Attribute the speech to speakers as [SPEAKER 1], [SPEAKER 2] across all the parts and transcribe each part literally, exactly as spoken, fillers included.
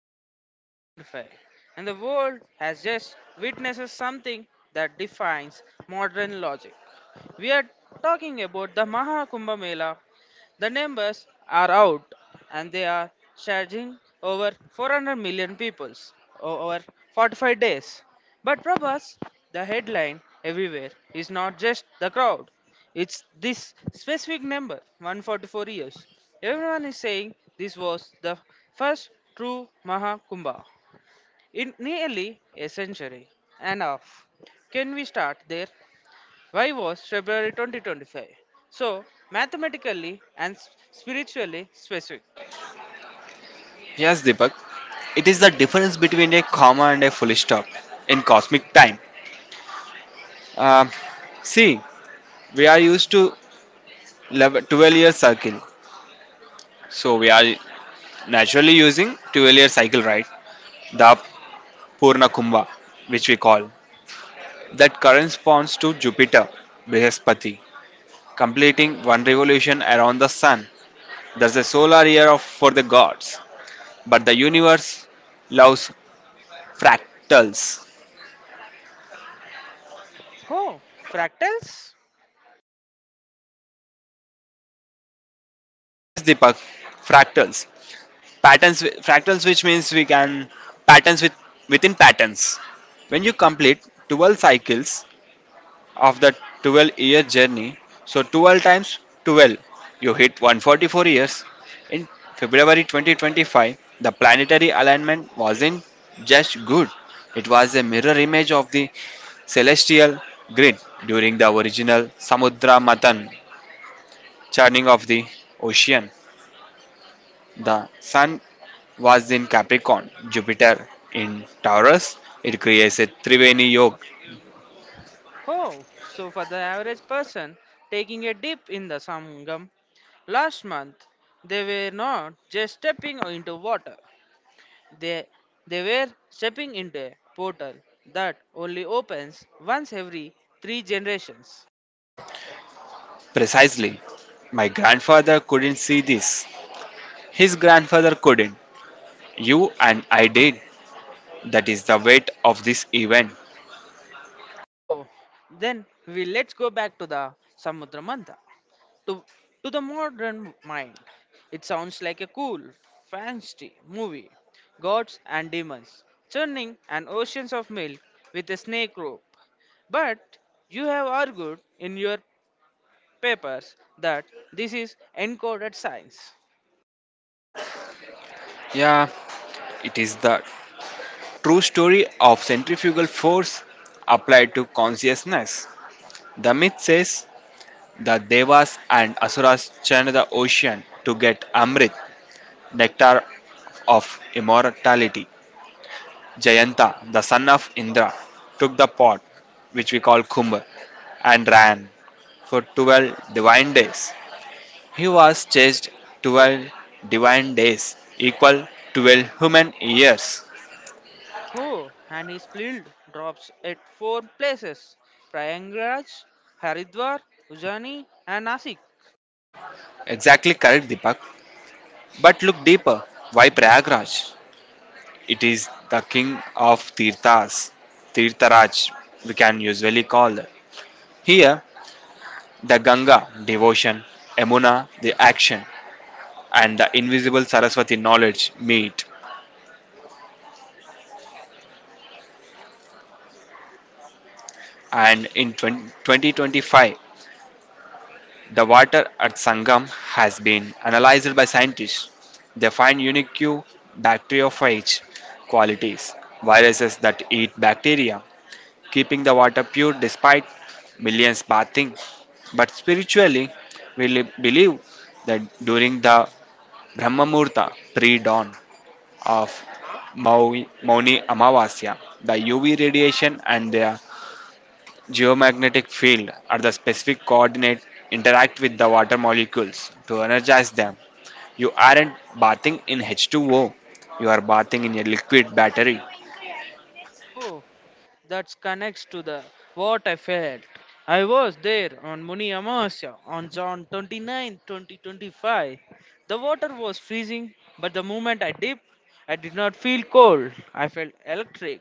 [SPEAKER 1] February twenty twenty-five, and the world has just witnessed something that defines modern logic. We are talking about the Maha Kumbh Mela. The numbers are out and they are charging over four hundred million people over forty-five days. But Prabhas, the headline everywhere is not just the crowd, it's this specific number one hundred forty-four years. Everyone is saying this was the first true Maha Kumbh in nearly a century and a half. Can we start there? Why was February twenty twenty-five so mathematically and s- spiritually specific?
[SPEAKER 2] Yes, Deepak. It is the difference between a comma and a full stop in cosmic time. Um, see, we are used to 11 12 year circle. So we are naturally using twelve year cycle, right? The Purna Kumbha, which we call. That corresponds to Jupiter, Brihaspati, completing one revolution around the sun. There's a solar year of, for the gods. But the universe loves fractals.
[SPEAKER 1] Oh, fractals?
[SPEAKER 2] Yes, Deepak, fractals. patterns wi- fractals, which means we can patterns with within patterns. When you complete twelve cycles of the twelve year journey, so twelve times twelve, you hit one hundred forty-four years in February twenty twenty-five. The planetary alignment wasn't just good, it was a mirror image of the celestial grid during the original Samudra Manthan, churning of the ocean. The Sun was in Capricorn, Jupiter in Taurus. It creates a Triveni yoke.
[SPEAKER 1] Oh, so for the average person taking a dip in the Sangam last month, they were not just stepping into water. They, they were stepping into a portal that only opens once every three generations.
[SPEAKER 2] Precisely. My grandfather couldn't see this. His grandfather couldn't. You and I did. That is the weight of this event.
[SPEAKER 1] Oh, then we let's go back to the Samudra Mantha. To, to the modern mind, it sounds like a cool, fancy movie. Gods and demons, churning and oceans of milk with a snake rope. But you have argued in your papers that this is encoded science.
[SPEAKER 2] Yeah, it is the true story of centrifugal force applied to consciousness. The myth says the Devas and Asuras churned the ocean to get Amrit, nectar of immortality. Jayanta, the son of Indra, took the pot, which we call Kumbh, and ran for twelve divine days. He was chased twelve divine days, equal to twelve human years.
[SPEAKER 1] Oh, and his build drops at four places, Prayagraj, Haridwar, Ujjaini, and Nasik.
[SPEAKER 2] Exactly correct, Deepak. But look deeper. Why Prayagraj? It is the king of Tirthas, Tirtharaj, we can usually call. Here, the Ganga, devotion, Emuna, the action, and the invisible Saraswati knowledge meet. And in twen- twenty twenty twenty-five, the water at Sangam has been analyzed by scientists. They find unique bacteriophage qualities, viruses that eat bacteria, keeping the water pure despite millions bathing. But spiritually, we li- believe that during the Brahmamurta pre-dawn of Mau- Mauni Amavasya, the U V radiation and their geomagnetic field at the specific coordinate interact with the water molecules to energize them. You aren't bathing in H two O, you are bathing in a liquid battery.
[SPEAKER 1] Oh, that connects to the what I felt. I was there on Muni Amasya on John 29, twenty twenty-five. The water was freezing, but the moment I dipped, I did not feel cold. I felt electric.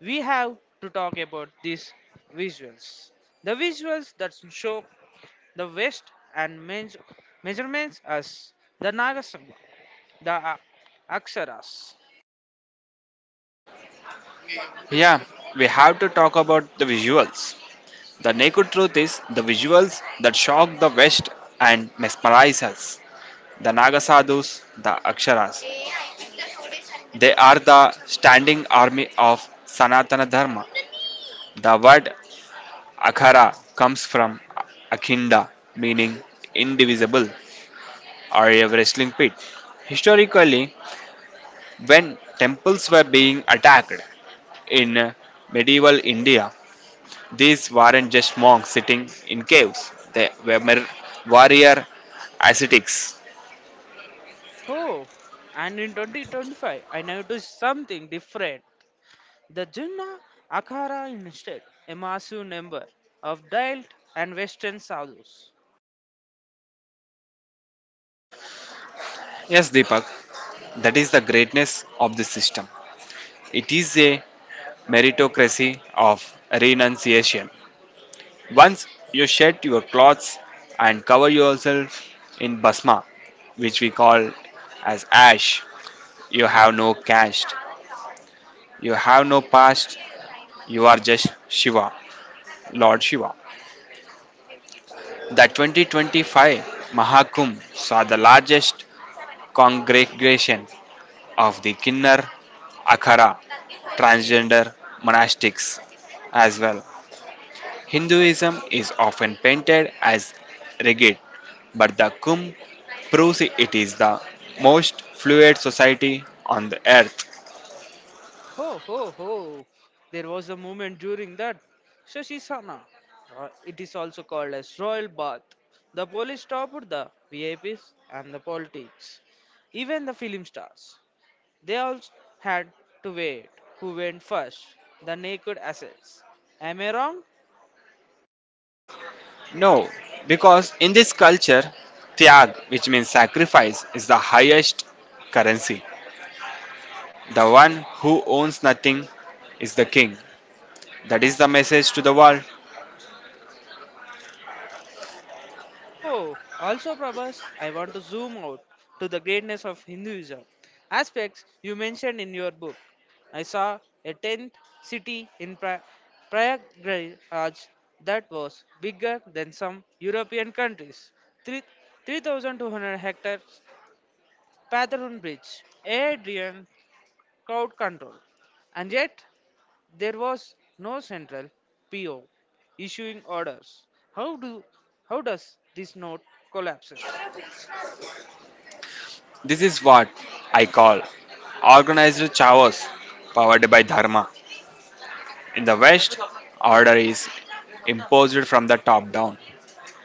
[SPEAKER 1] We have to talk about these visuals. The visuals that show the waist and meas- measurements as the Nagasanga, the a- Aksaras.
[SPEAKER 2] Yeah, we have to talk about the visuals. The naked truth is the visuals that shock the West and mesmerize us. The Nagasadhus, the Aksharas. They are the standing army of Sanatana Dharma. The word Akhara comes from Akhinda, meaning indivisible, or a wrestling pit. Historically, when temples were being attacked in medieval India, these weren't just monks sitting in caves, they were mer- warrior ascetics.
[SPEAKER 1] Oh, and in twenty twenty-five, I noticed something different. The Jinnah Akhara instead, a massive number of dialed and western sadhus.
[SPEAKER 2] Yes, Deepak, that is the greatness of this system. It is a meritocracy of renunciation. Once you shed your clothes and cover yourself in basma, which we call as ash, you have no caste, you have no past, you are just Shiva, Lord Shiva. The twenty twenty-five Mahakumbh saw the largest congregation of the Kinnar Akhara transgender monastics as well. Hinduism is often painted as rigid, but the Kumbh proves it is the most fluid society on the earth.
[SPEAKER 1] Ho ho ho! There was a moment during that Shashisana. Uh, it is also called as royal bath. The police stopped the V I Ps and the politics, even the film stars. They all had to wait. Who went first? The naked assets. Am I wrong?
[SPEAKER 2] No, because in this culture, tyag, which means sacrifice, is the highest currency. The one who owns nothing is the king. That is the message to the world.
[SPEAKER 1] Oh, also, Prabhas, I want to zoom out to the greatness of Hinduism, aspects you mentioned in your book. I saw a tenth city in Pra- Prayagraj that was bigger than some European countries. Three- 3,200 hectares, Patharoon Bridge, Adrian, crowd control. And yet, there was no central P O issuing orders. How do how does this note collapses?
[SPEAKER 2] This is what I call organized chaos powered by dharma. In the West, order is imposed from the top down.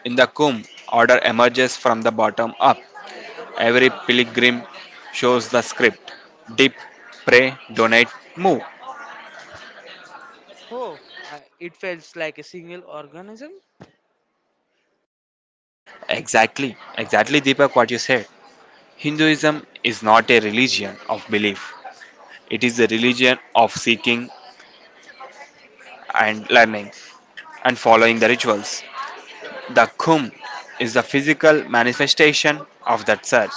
[SPEAKER 2] In the Kumbh, order emerges from the bottom up. Every pilgrim shows the script: dip, pray, donate, move.
[SPEAKER 1] Oh, I, it feels like a single organism.
[SPEAKER 2] Exactly, exactly, Deepak, what you said. Hinduism is not a religion of belief, it is a religion of seeking and learning and following the rituals. The Kumbh is the physical manifestation of that search.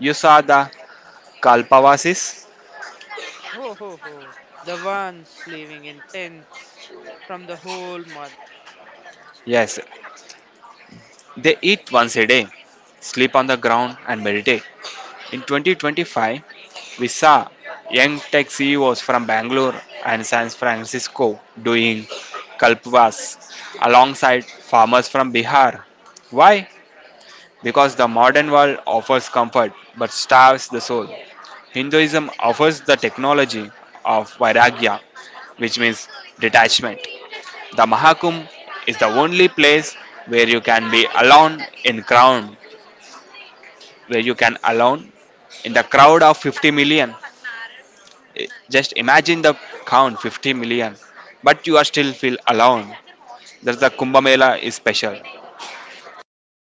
[SPEAKER 2] You saw the Kalpavasis.
[SPEAKER 1] Ho ho ho! The ones living in tents from the whole month.
[SPEAKER 2] Yes, they eat once a day, sleep on the ground, and meditate. In twenty twenty-five, we saw young tech C E Os from Bangalore and San Francisco doing kalpvas alongside farmers from Bihar. Why? Because the modern world offers comfort but starves the soul. Hinduism offers the technology of vairagya, which means detachment. The Mahakumbh is the only place where you can be alone in crowd, where you can alone in the crowd of fifty million. I- Just imagine the count, fifty million, but you are still feel alone. That's the Kumbh Mela is special.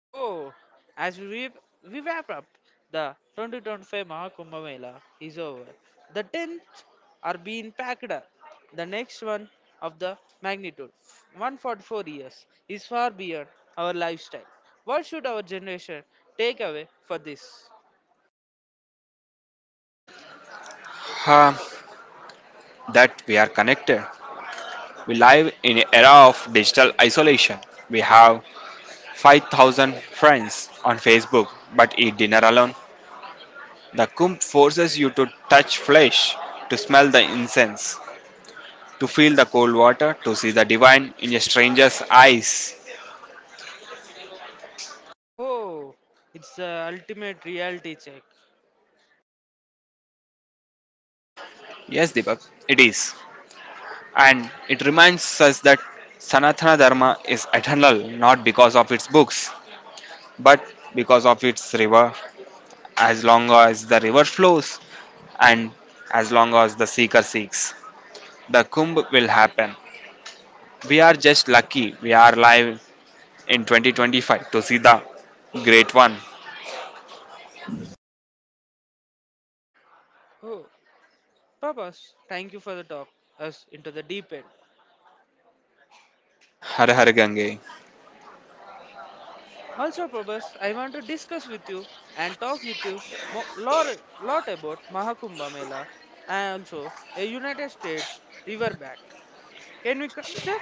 [SPEAKER 1] Oh, as we, re- we wrap up, the twenty twenty-five Mahakumbh Mela is over. The tenth are being packed up. The next one of the magnitude, one hundred forty-four years, is far beyond our lifestyle. What should our generation take away for this?
[SPEAKER 2] Huh, that we are connected. We live in an era of digital isolation. We have five thousand friends on Facebook, but eat dinner alone. The Kumbh forces you to touch flesh, to smell the incense, to feel the cold water, to see the divine in a stranger's eyes.
[SPEAKER 1] Oh, it's the ultimate reality check.
[SPEAKER 2] Yes, Deepak, it is. And it reminds us that Sanatana Dharma is eternal not because of its books, but because of its river. As long as the river flows and as long as the seeker seeks, the Kumbh will happen. We are just lucky we are live in twenty twenty-five to see the great one,
[SPEAKER 1] Oh, Papas, thank you for the talk us into the deep end.
[SPEAKER 2] Har Har Gange.
[SPEAKER 1] Also, Prabhas, I want to discuss with you and talk with you more, lot about Mahakumbha Mela and also a United States riverbank. Can we consider?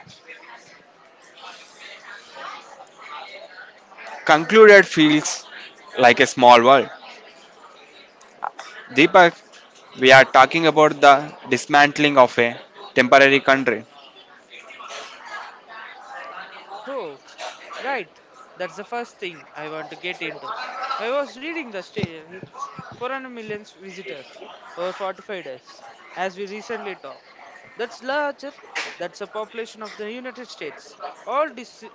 [SPEAKER 2] Concluded feels like a small world. Deepak, we are talking about the dismantling of a temporary country.
[SPEAKER 1] Oh, right. That's the first thing I want to get into. I was reading the sta- it's four hundred million visitors over forty-five days as we recently talk. That's larger. That's the population of the United States, all dis-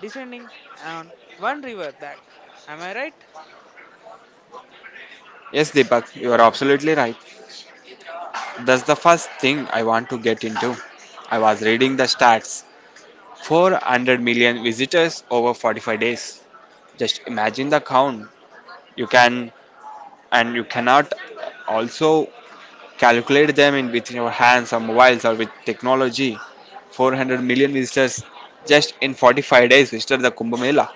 [SPEAKER 1] descending on one river bank. Am I right?
[SPEAKER 2] Yes, Deepak, you are absolutely right. That's the first thing I want to get into. I was reading the stats: four hundred million visitors over forty-five days. Just imagine the count. You can and you cannot also calculate them in with your hands or mobiles or with technology. four hundred million visitors just in forty-five days visited the Kumbh Mela,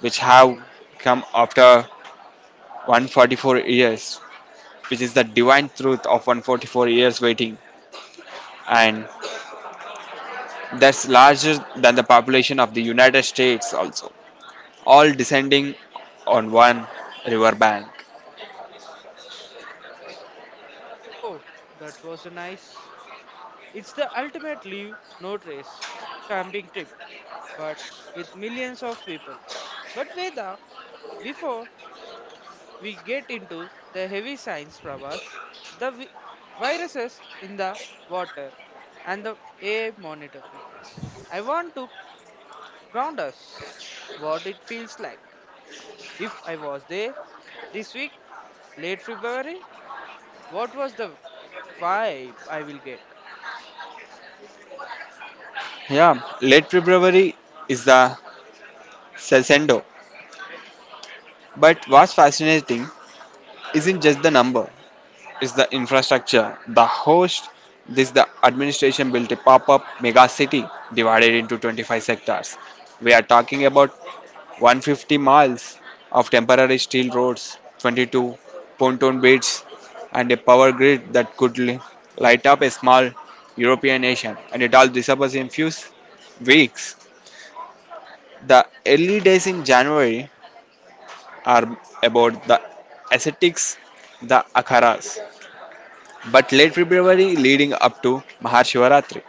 [SPEAKER 2] which have come after one hundred forty-four years, which is the divine truth of one hundred forty-four years waiting, and that's larger than the population of the United States also. All descending on one river bank.
[SPEAKER 1] Oh, that was a nice. It's the ultimate leave no trace camping trip, but with millions of people. But Veda, before we get into the heavy science, Prabhas, the vi- viruses in the water, and the air monitoring. I want to ground us what it feels like. If I was there this week, late February, what was the vibe I will get?
[SPEAKER 2] Yeah, late February is the Salcedo. But what's fascinating isn't just the number, is the infrastructure. The host This the administration built a pop up mega city divided into twenty-five sectors. We are talking about one hundred fifty miles of temporary steel roads, twenty-two pontoon bridges, and a power grid that could li- light up a small European nation. And it all disappears in few s- weeks. The early days in January are about the ascetics, the akharas. But late February leading up to Mahashivaratri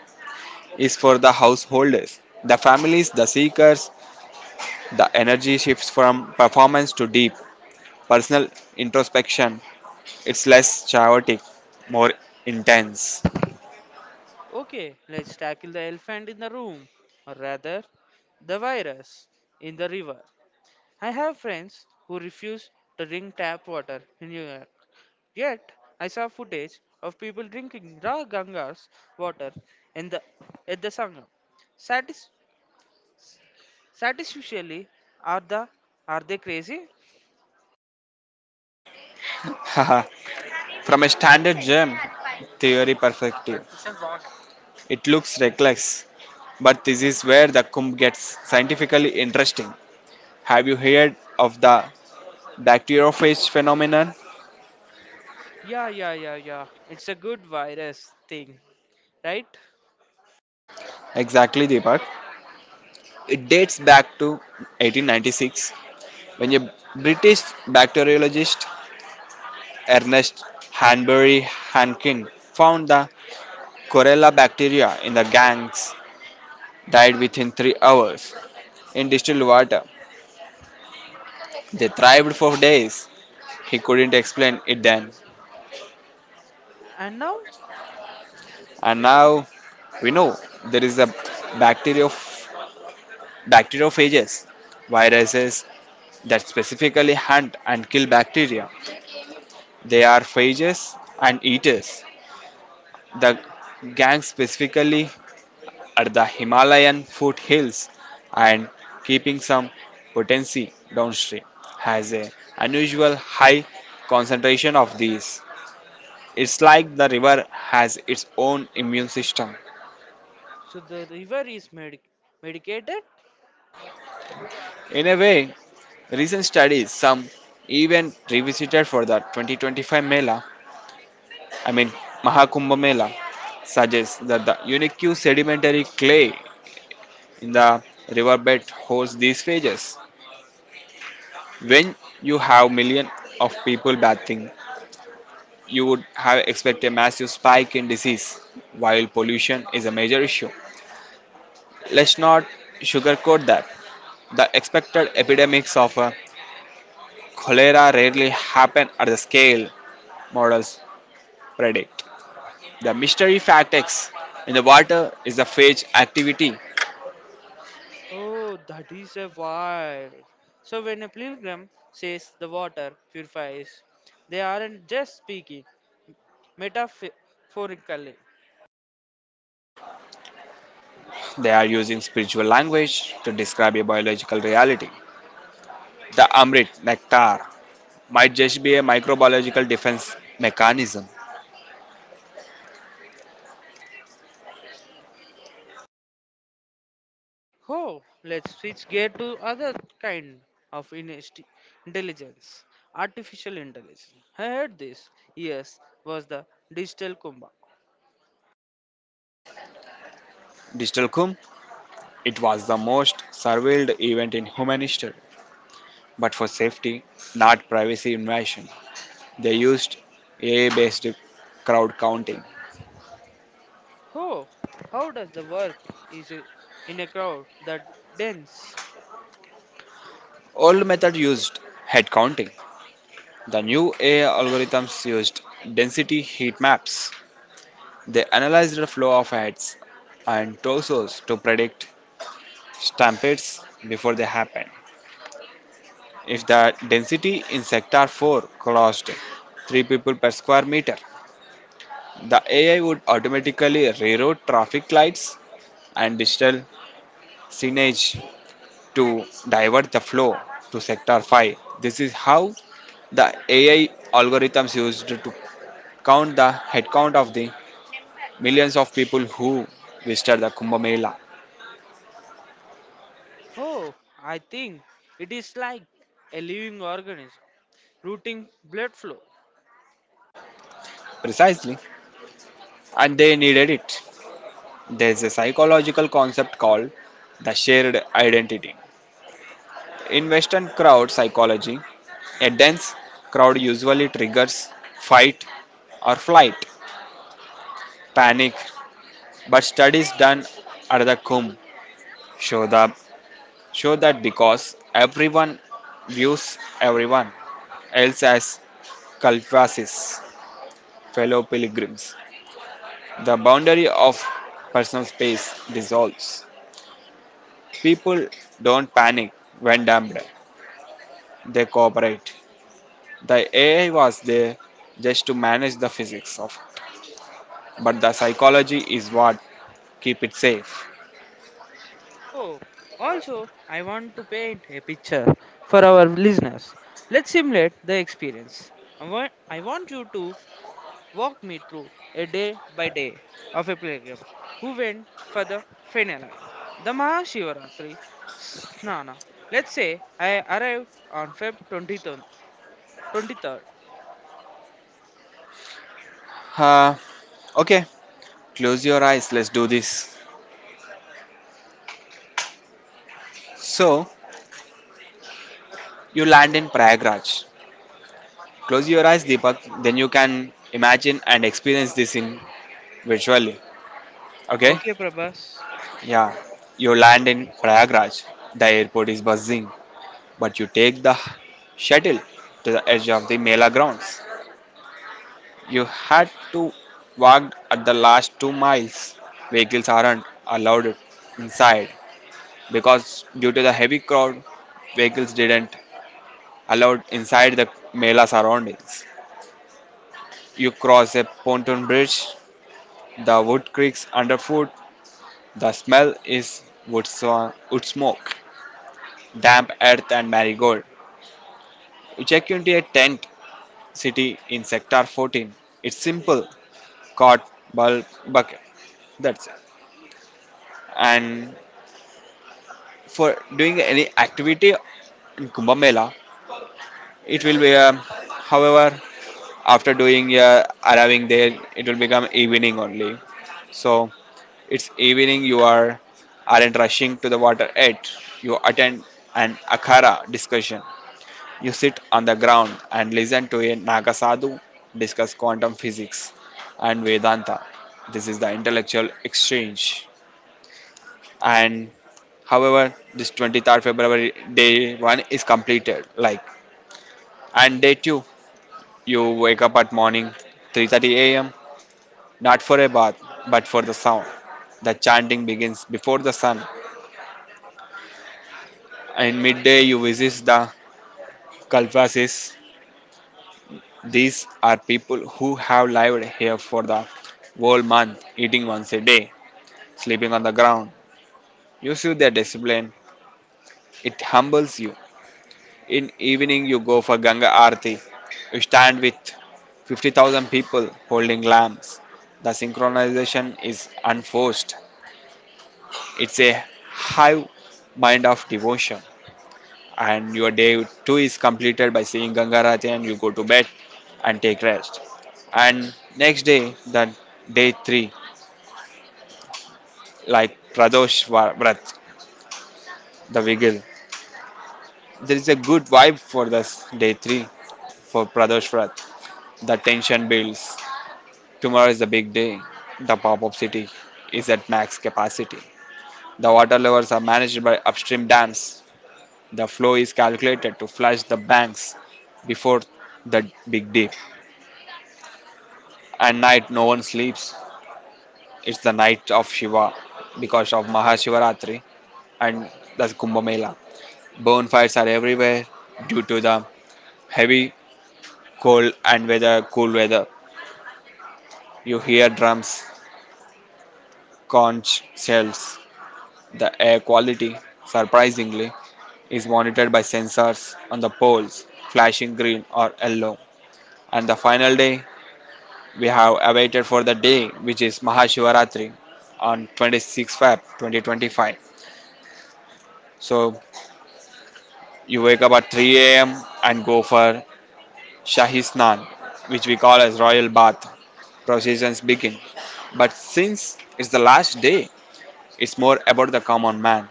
[SPEAKER 2] is for the householders, the families, the seekers. The energy shifts from performance to deep personal introspection. It's less chaotic, more intense.
[SPEAKER 1] Okay, let's tackle the elephant in the room, or rather, the virus in the river. I have friends who refuse to drink tap water in New York. Yet, I saw footage of people drinking raw Ganga's water in the at the Sangam. Satis- Satisfactorily, are the are they crazy?
[SPEAKER 2] Haha. From a standard gem theory perspective, it looks reckless, but this is where the Kumbh gets scientifically interesting. Have you heard of the dactyrophage phenomenon?
[SPEAKER 1] Yeah, yeah, yeah, yeah. It's a good virus thing, right?
[SPEAKER 2] Exactly, Deepak. It dates back to eighteen ninety-six when a British bacteriologist, Ernest Hanbury Hankin, found the Corella bacteria in the gangs died within three hours in distilled water. They thrived for days. He couldn't explain it then.
[SPEAKER 1] And now,
[SPEAKER 2] And now we know there is a bacterio- bacteriophages, viruses that specifically hunt and kill bacteria. They are phages and eaters. The gang specifically at the Himalayan foothills and keeping some potency downstream has a unusual high concentration of these. It's like the river has its own immune system.
[SPEAKER 1] so the river is medi- medicated.
[SPEAKER 2] In a way, recent studies, some even revisited for the twenty twenty-five Mela, I mean Mahakumbh Mela, suggests that the unique sedimentary clay in the riverbed holds these phages. When you have millions of people bathing, you would have expected a massive spike in disease, while pollution is a major issue. Let's not sugarcoat that. The expected epidemics of uh, cholera rarely happen at the scale models predict. The mystery fact X in the water is a phage activity.
[SPEAKER 1] Oh, that is a why. So when a pilgrim says the water purifies, they aren't just speaking metaphorically.
[SPEAKER 2] They are using spiritual language to describe a biological reality. The amrit, nectar, might just be a microbiological defense mechanism.
[SPEAKER 1] Oh, let's switch gear to other kind of inesti- intelligence, artificial intelligence. I heard this. Yes, was the digital Kumbh.
[SPEAKER 2] Digital Kumbh, it was the most surveilled event in human history. But for safety, not privacy invasion, they used A I based crowd counting.
[SPEAKER 1] Oh, how does the work is i- in a crowd that dense?
[SPEAKER 2] Old method used head counting. The new A I algorithms used density heat maps. They analyzed the flow of heads and torsos to predict stampedes before they happen. If the density in sector four crossed three people per square meter, the A I would automatically reroute traffic lights and digital signage to divert the flow to sector five. This is how the A I algorithms used to count the headcount of the millions of people who visited the Kumbh Mela.
[SPEAKER 1] Oh, I think it is like a living organism, routing blood flow.
[SPEAKER 2] Precisely. And they needed it. There's a psychological concept called the shared identity. In Western crowd psychology, a dense crowd usually triggers fight or flight, panic. But studies done at the Kumbh show, the, show that because everyone views everyone else as kalpasis, fellow pilgrims, the boundary of personal space dissolves. People don't panic when damned, they cooperate. The A I was there just to manage the physics of, but the psychology is what keep it safe.
[SPEAKER 1] Oh, also, I want to paint a picture for our listeners. Let's simulate the experience. I want, I want you to walk me through a day by day of a pilgrim who went for the finale, the Mahashivaratri Snana. Let's say I arrived on February twenty-third. twenty-third
[SPEAKER 2] Uh, okay, close your eyes. Let's do this. So you land in Prayagraj. Close your eyes, Deepak. Then you can imagine and experience this in virtually. Okay?
[SPEAKER 1] Okay, Prabhas.
[SPEAKER 2] Yeah. You land in Prayagraj. The airport is buzzing, but you take the shuttle to the edge of the Mela grounds. You had to walk at the last two miles. Vehicles aren't allowed inside because due to the heavy crowd, vehicles didn't allowed inside the Mela surroundings. You cross a pontoon bridge, the wood creaks underfoot, the smell is wood, swa- wood smoke, damp earth and marigold. You check into a tent city in sector fourteen. It's simple, cot, bulb, bucket. That's it. And for doing any activity in Kumbh Mela. It will be, um, however, after doing uh, arriving there, it will become evening only. So it's evening. You are aren't rushing to the water yet. You attend an akhara discussion. You sit on the ground and listen to a Naga sadhu discuss quantum physics and Vedanta. This is the intellectual exchange, and however, this twenty-third february day one is completed, like, and day two you wake up at morning three thirty a m a.m, not for a bath but for the sound. The chanting begins before the sun, and midday you visit the kalvasis. These are people who have lived here for the whole month, eating once a day, sleeping on the ground. You see their discipline. It humbles you. In evening, you go for Ganga Aarti. You stand with fifty thousand people holding lamps. The synchronization is unforced. It's a high mind of devotion. And your day two is completed by seeing Ganga Aarti, and you go to bed and take rest. And next day, the day three, like Pradosh Va- Vrat, the vigil. There is a good vibe for this day three for Pradosh Vrat. The tension builds. Tomorrow is the big day. The pop up city is at max capacity. The water levels are managed by upstream dams. The flow is calculated to flush the banks before the big dip. At night, no one sleeps. It's the night of Shiva because of Mahashivaratri and the Kumbh Mela. Bonfires are everywhere due to the heavy cold and weather, cool weather. You hear drums, conch shells. The air quality, surprisingly, is monitored by sensors on the poles flashing green or yellow. And the final day, we have awaited for the day, which is Mahashivaratri on twenty-sixth of February twenty twenty-five. So you wake up at three a m and go for Shahi Snan, which we call as royal bath. Processions begin. But since it's the last day, it's more about the common man.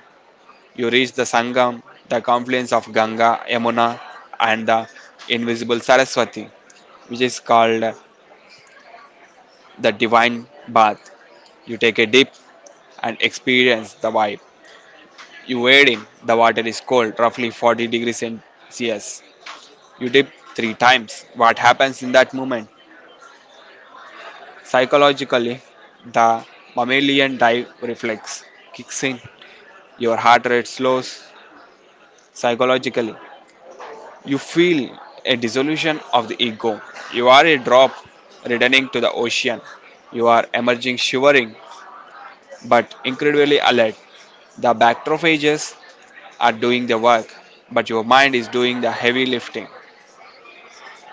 [SPEAKER 2] You reach the Sangam, the confluence of Ganga, Yamuna, and the invisible Saraswati, which is called the divine bath. You take a dip and experience the vibe. You wade in, the water is cold, roughly forty degrees Celsius. You dip three times. What happens in that moment? Psychologically, the mammalian dive reflex kicks in. Your heart rate slows psychologically. You feel a dissolution of the ego. You are a drop returning to the ocean. You are emerging shivering but incredibly alert. The bactrophages are doing the work, but your mind is doing the heavy lifting.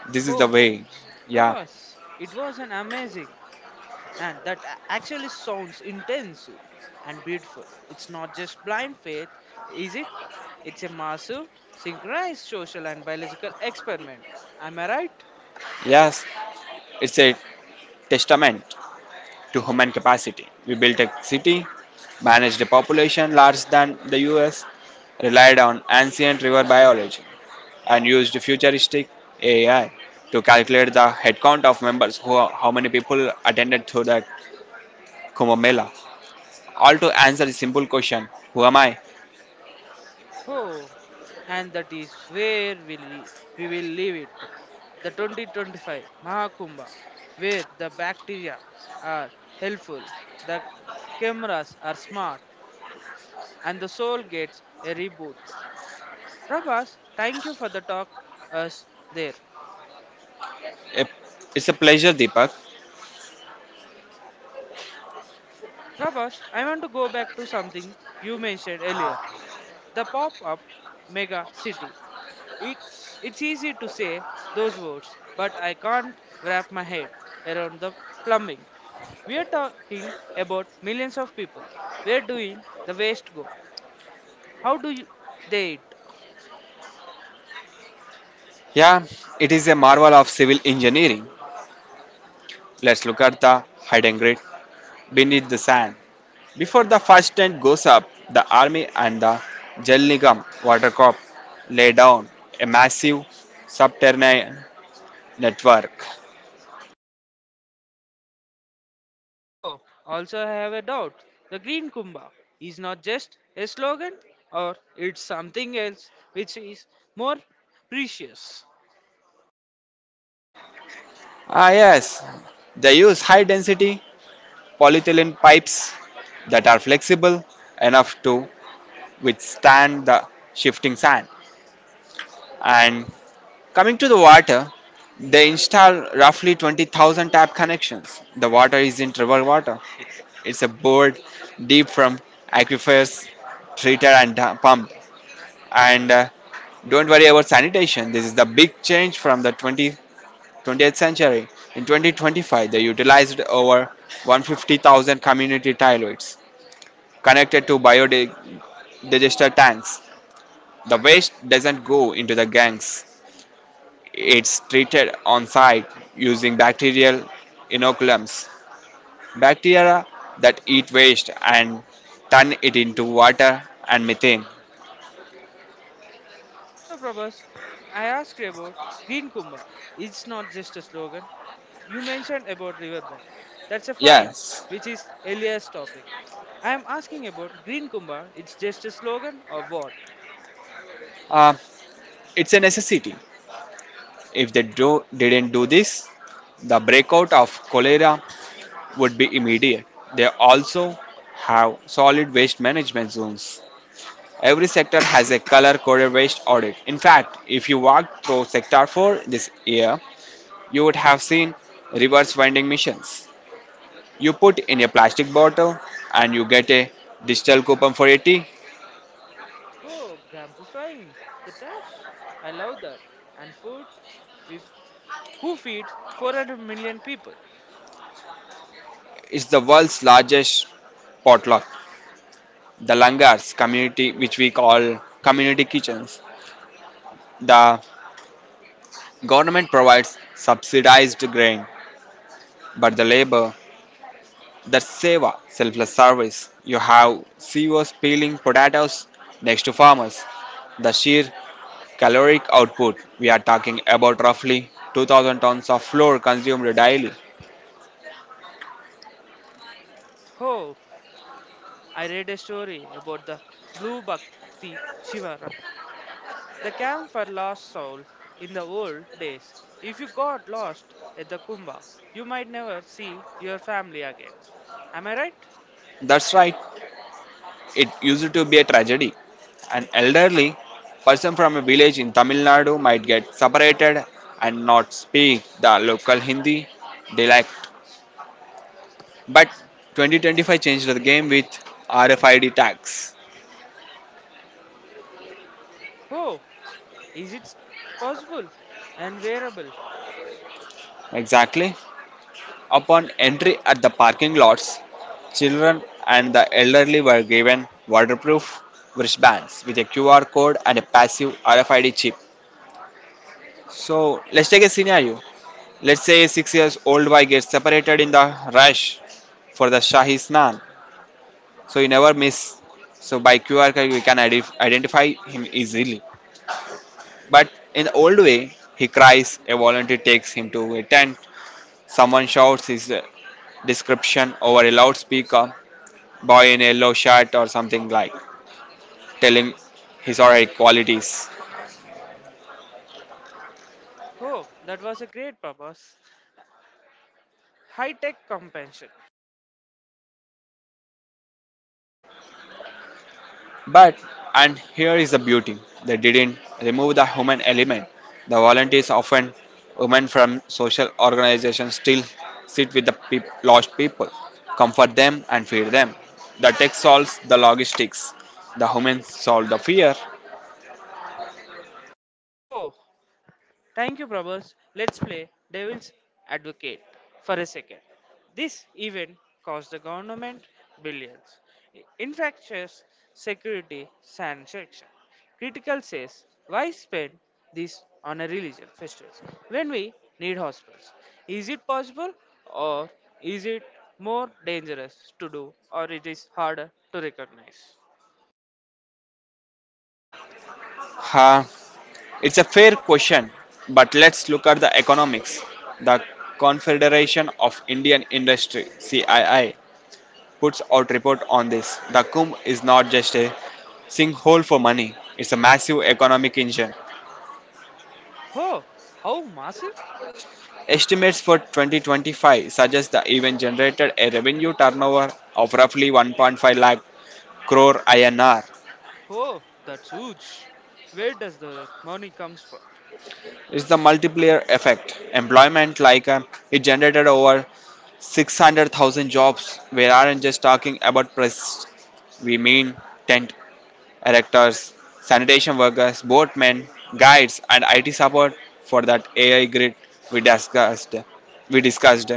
[SPEAKER 1] Oh,
[SPEAKER 2] This is the
[SPEAKER 1] ho, ho.
[SPEAKER 2] way. Yeah.
[SPEAKER 1] Prabhas, it was an amazing and that a- actually sounds intensive and beautiful. It's not just blind faith, is it? It's a massive, synchronized social and biological experiment. Am I right?
[SPEAKER 2] Yes, it's a testament to human capacity. We built a city, managed a population larger than the U S, relied on ancient river biology, and used futuristic A I to calculate the headcount of members who how many people attended through that Kumbh Mela. All to answer the simple question, who am I?
[SPEAKER 1] Oh, and that is where we, we will leave it. The twenty twenty-five Mahakumbha, where the bacteria are helpful, the cameras are smart, and the soul gets a reboot. Prabhas, thank you for the talk us there.
[SPEAKER 2] It- It's a pleasure, Deepak.
[SPEAKER 1] Prabhas, I want to go back to something you mentioned earlier, the pop up mega city. It, it's easy to say those words, but I can't wrap my head around the plumbing. We are talking about millions of people. Where doing the waste go? How do you, they eat?
[SPEAKER 2] Yeah, it is a marvel of civil engineering. Let's look at the hidden grid beneath the sand. Before the first tent goes up, the army and the Jal Nigam water corp lay down a massive subterranean network.
[SPEAKER 1] Oh, also I have a doubt. The green kumbha is not just a slogan, or it's something else which is more precious.
[SPEAKER 2] Ah, yes, they use high density polyethylene pipes that are flexible enough to withstand the shifting sand. And coming to the water, they install roughly twenty thousand tap connections. The water isn't river water, it's a bored deep from aquifers, treated, and uh, pumped. And uh, Don't worry about sanitation. This is the big change from the twenty twentieth century. In twenty twenty-five, they utilized over one hundred fifty thousand community toilets connected to biodigester tanks. The waste doesn't go into the gangs. It's treated on site using bacterial inoculums. Bacteria that eat waste and turn it into water and methane.
[SPEAKER 1] Also, Prabhas, I asked you about Green Kumbha. It's not just a slogan. You mentioned about riverbank. That's a fine,
[SPEAKER 2] Yes,
[SPEAKER 1] which is Elias' topic. I am asking about Green Kumbha. It's just a slogan or what?
[SPEAKER 2] uh, it's a necessity. If they do, didn't do this, the breakout of cholera would be immediate. They also have solid waste management zones. Every sector has a color coded waste audit. In fact, if you walked through Sector four this year, you would have seen reverse vending machines. You put in a plastic bottle and you get a digital coupon for a tea.
[SPEAKER 1] Oh, gamplifying the trash. I love that. And food, with who feeds four hundred million people.
[SPEAKER 2] It's the world's largest potluck. The langars community, which we call community kitchens. The government provides subsidized grain, but the labor, that seva, selfless service. You have C E Os peeling potatoes next to farmers. The sheer caloric output. We are talking about roughly two thousand tons of flour consumed daily.
[SPEAKER 1] Oh, I read a story about the blue bhakti Shiva, the camp for lost souls in the old days. If you got lost at the Kumbh, you might never see your family again. Am I right?
[SPEAKER 2] That's right. It used to be a tragedy. An elderly person from a village in Tamil Nadu might get separated and not speak the local Hindi dialect. But twenty twenty-five changed the game with R F I D tags.
[SPEAKER 1] Oh, is it possible and wearable?
[SPEAKER 2] Exactly. Upon entry at the parking lots, children and the elderly were given waterproof wristbands with a Q R code and a passive R F I D chip. So let's take a scenario. Let's say a six years old boy gets separated in the rush for the Shahi Snan. So he never miss. So by Q R code we can ident- identify him easily. But in the old way, he cries, a volunteer takes him to a tent, someone shouts his uh, description over a loudspeaker, boy in yellow shirt or something like telling his or her qualities.
[SPEAKER 1] Oh, that was a great purpose. High tech compensation.
[SPEAKER 2] But and here is the beauty. They didn't remove the human element. The volunteers, often women from social organizations, still sit with the peop- lost people, comfort them and feed them. The tech solves the logistics. The humans solve the fear.
[SPEAKER 1] Oh, thank you, Prabhas. Let's play Devil's Advocate for a second. This event cost the government billions. In fact, security sanction. Critical says, why spend this on a religion festival when we need hospitals? Is it possible or is it more dangerous to do or it is harder to recognize?
[SPEAKER 2] Ha, it's a fair question, but let's look at the economics. The Confederation of Indian Industry (C I I) puts out report on this. The Kumbh is not just a sinkhole for money, it's a massive economic engine.
[SPEAKER 1] Oh, how massive?
[SPEAKER 2] Estimates for twenty twenty-five suggest the event generated a revenue turnover of roughly one point five lakh crore I N R.
[SPEAKER 1] Oh, that's huge. Where does the money comes from?
[SPEAKER 2] It's the multiplier effect. Employment like uh, it generated over six hundred thousand jobs. We aren't just talking about press, we mean tent erectors, sanitation workers, boatmen, guides, and I T support for that A I grid we discussed. We discussed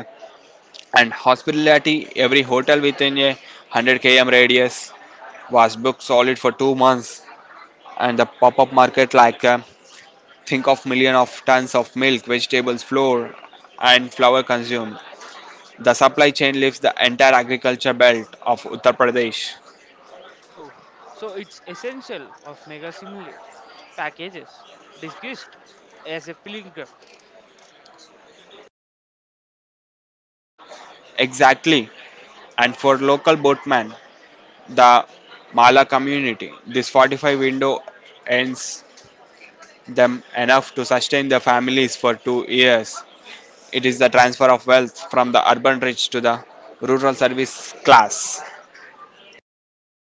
[SPEAKER 2] and hospitality. Every hotel within a hundred kilometer radius was booked solid for two months, and the pop-up market like uh, think of million of tons of milk, vegetables, flour, and flour consumed. The supply chain leaves the entire agriculture belt of Uttar Pradesh.
[SPEAKER 1] Oh, so it's essential of mega simulate packages discussed as a pilgrim.
[SPEAKER 2] Exactly, and for local boatmen, the Mala community. This forty-five window earns them enough to sustain their families for two years. It is the transfer of wealth from the urban rich to the rural service class.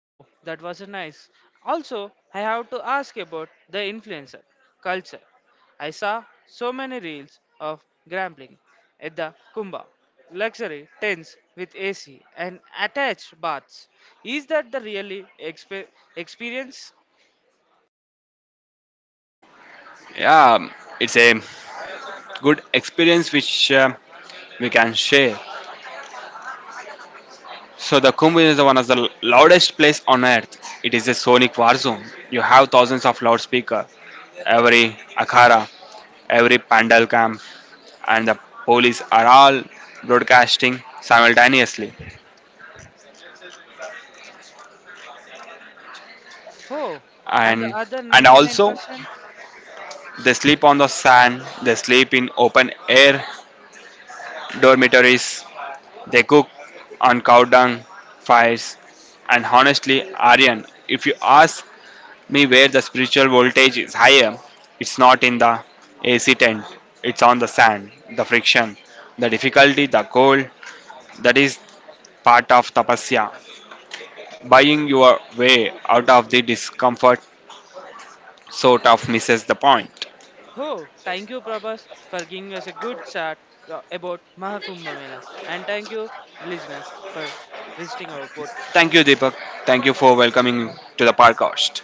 [SPEAKER 1] Oh, that was a nice. Also, I have to ask about the influencer culture. I saw so many reels of gambling at the Kumbh, luxury tents with A C and attached baths. Is that the really expe- experience?
[SPEAKER 2] Yeah, it's a good experience which um, we can share. So the Kumbh is one of the loudest place on earth. It is a sonic war zone. You have thousands of loudspeaker, every akhara, every pandal camp, and the police are all broadcasting simultaneously.
[SPEAKER 1] Oh, and the
[SPEAKER 2] And
[SPEAKER 1] other
[SPEAKER 2] and also
[SPEAKER 1] ninety-nine percent?
[SPEAKER 2] they sleep on the sand. They sleep in open air dormitories. They cook on cow dung, fires, and honestly, Aryan, if you ask me where the spiritual voltage is higher, it's not in the A C tent, it's on the sand, the friction, the difficulty, the cold. That is part of tapasya. Buying your way out of the discomfort sort of misses the point.
[SPEAKER 1] Oh, thank you, Prabhas, for giving us a good chat uh, about Mahakumbh Mela. And thank you, listeners, for visiting our
[SPEAKER 2] Thank
[SPEAKER 1] podcast.
[SPEAKER 2] you, Deepak. Thank you for welcoming to the podcast.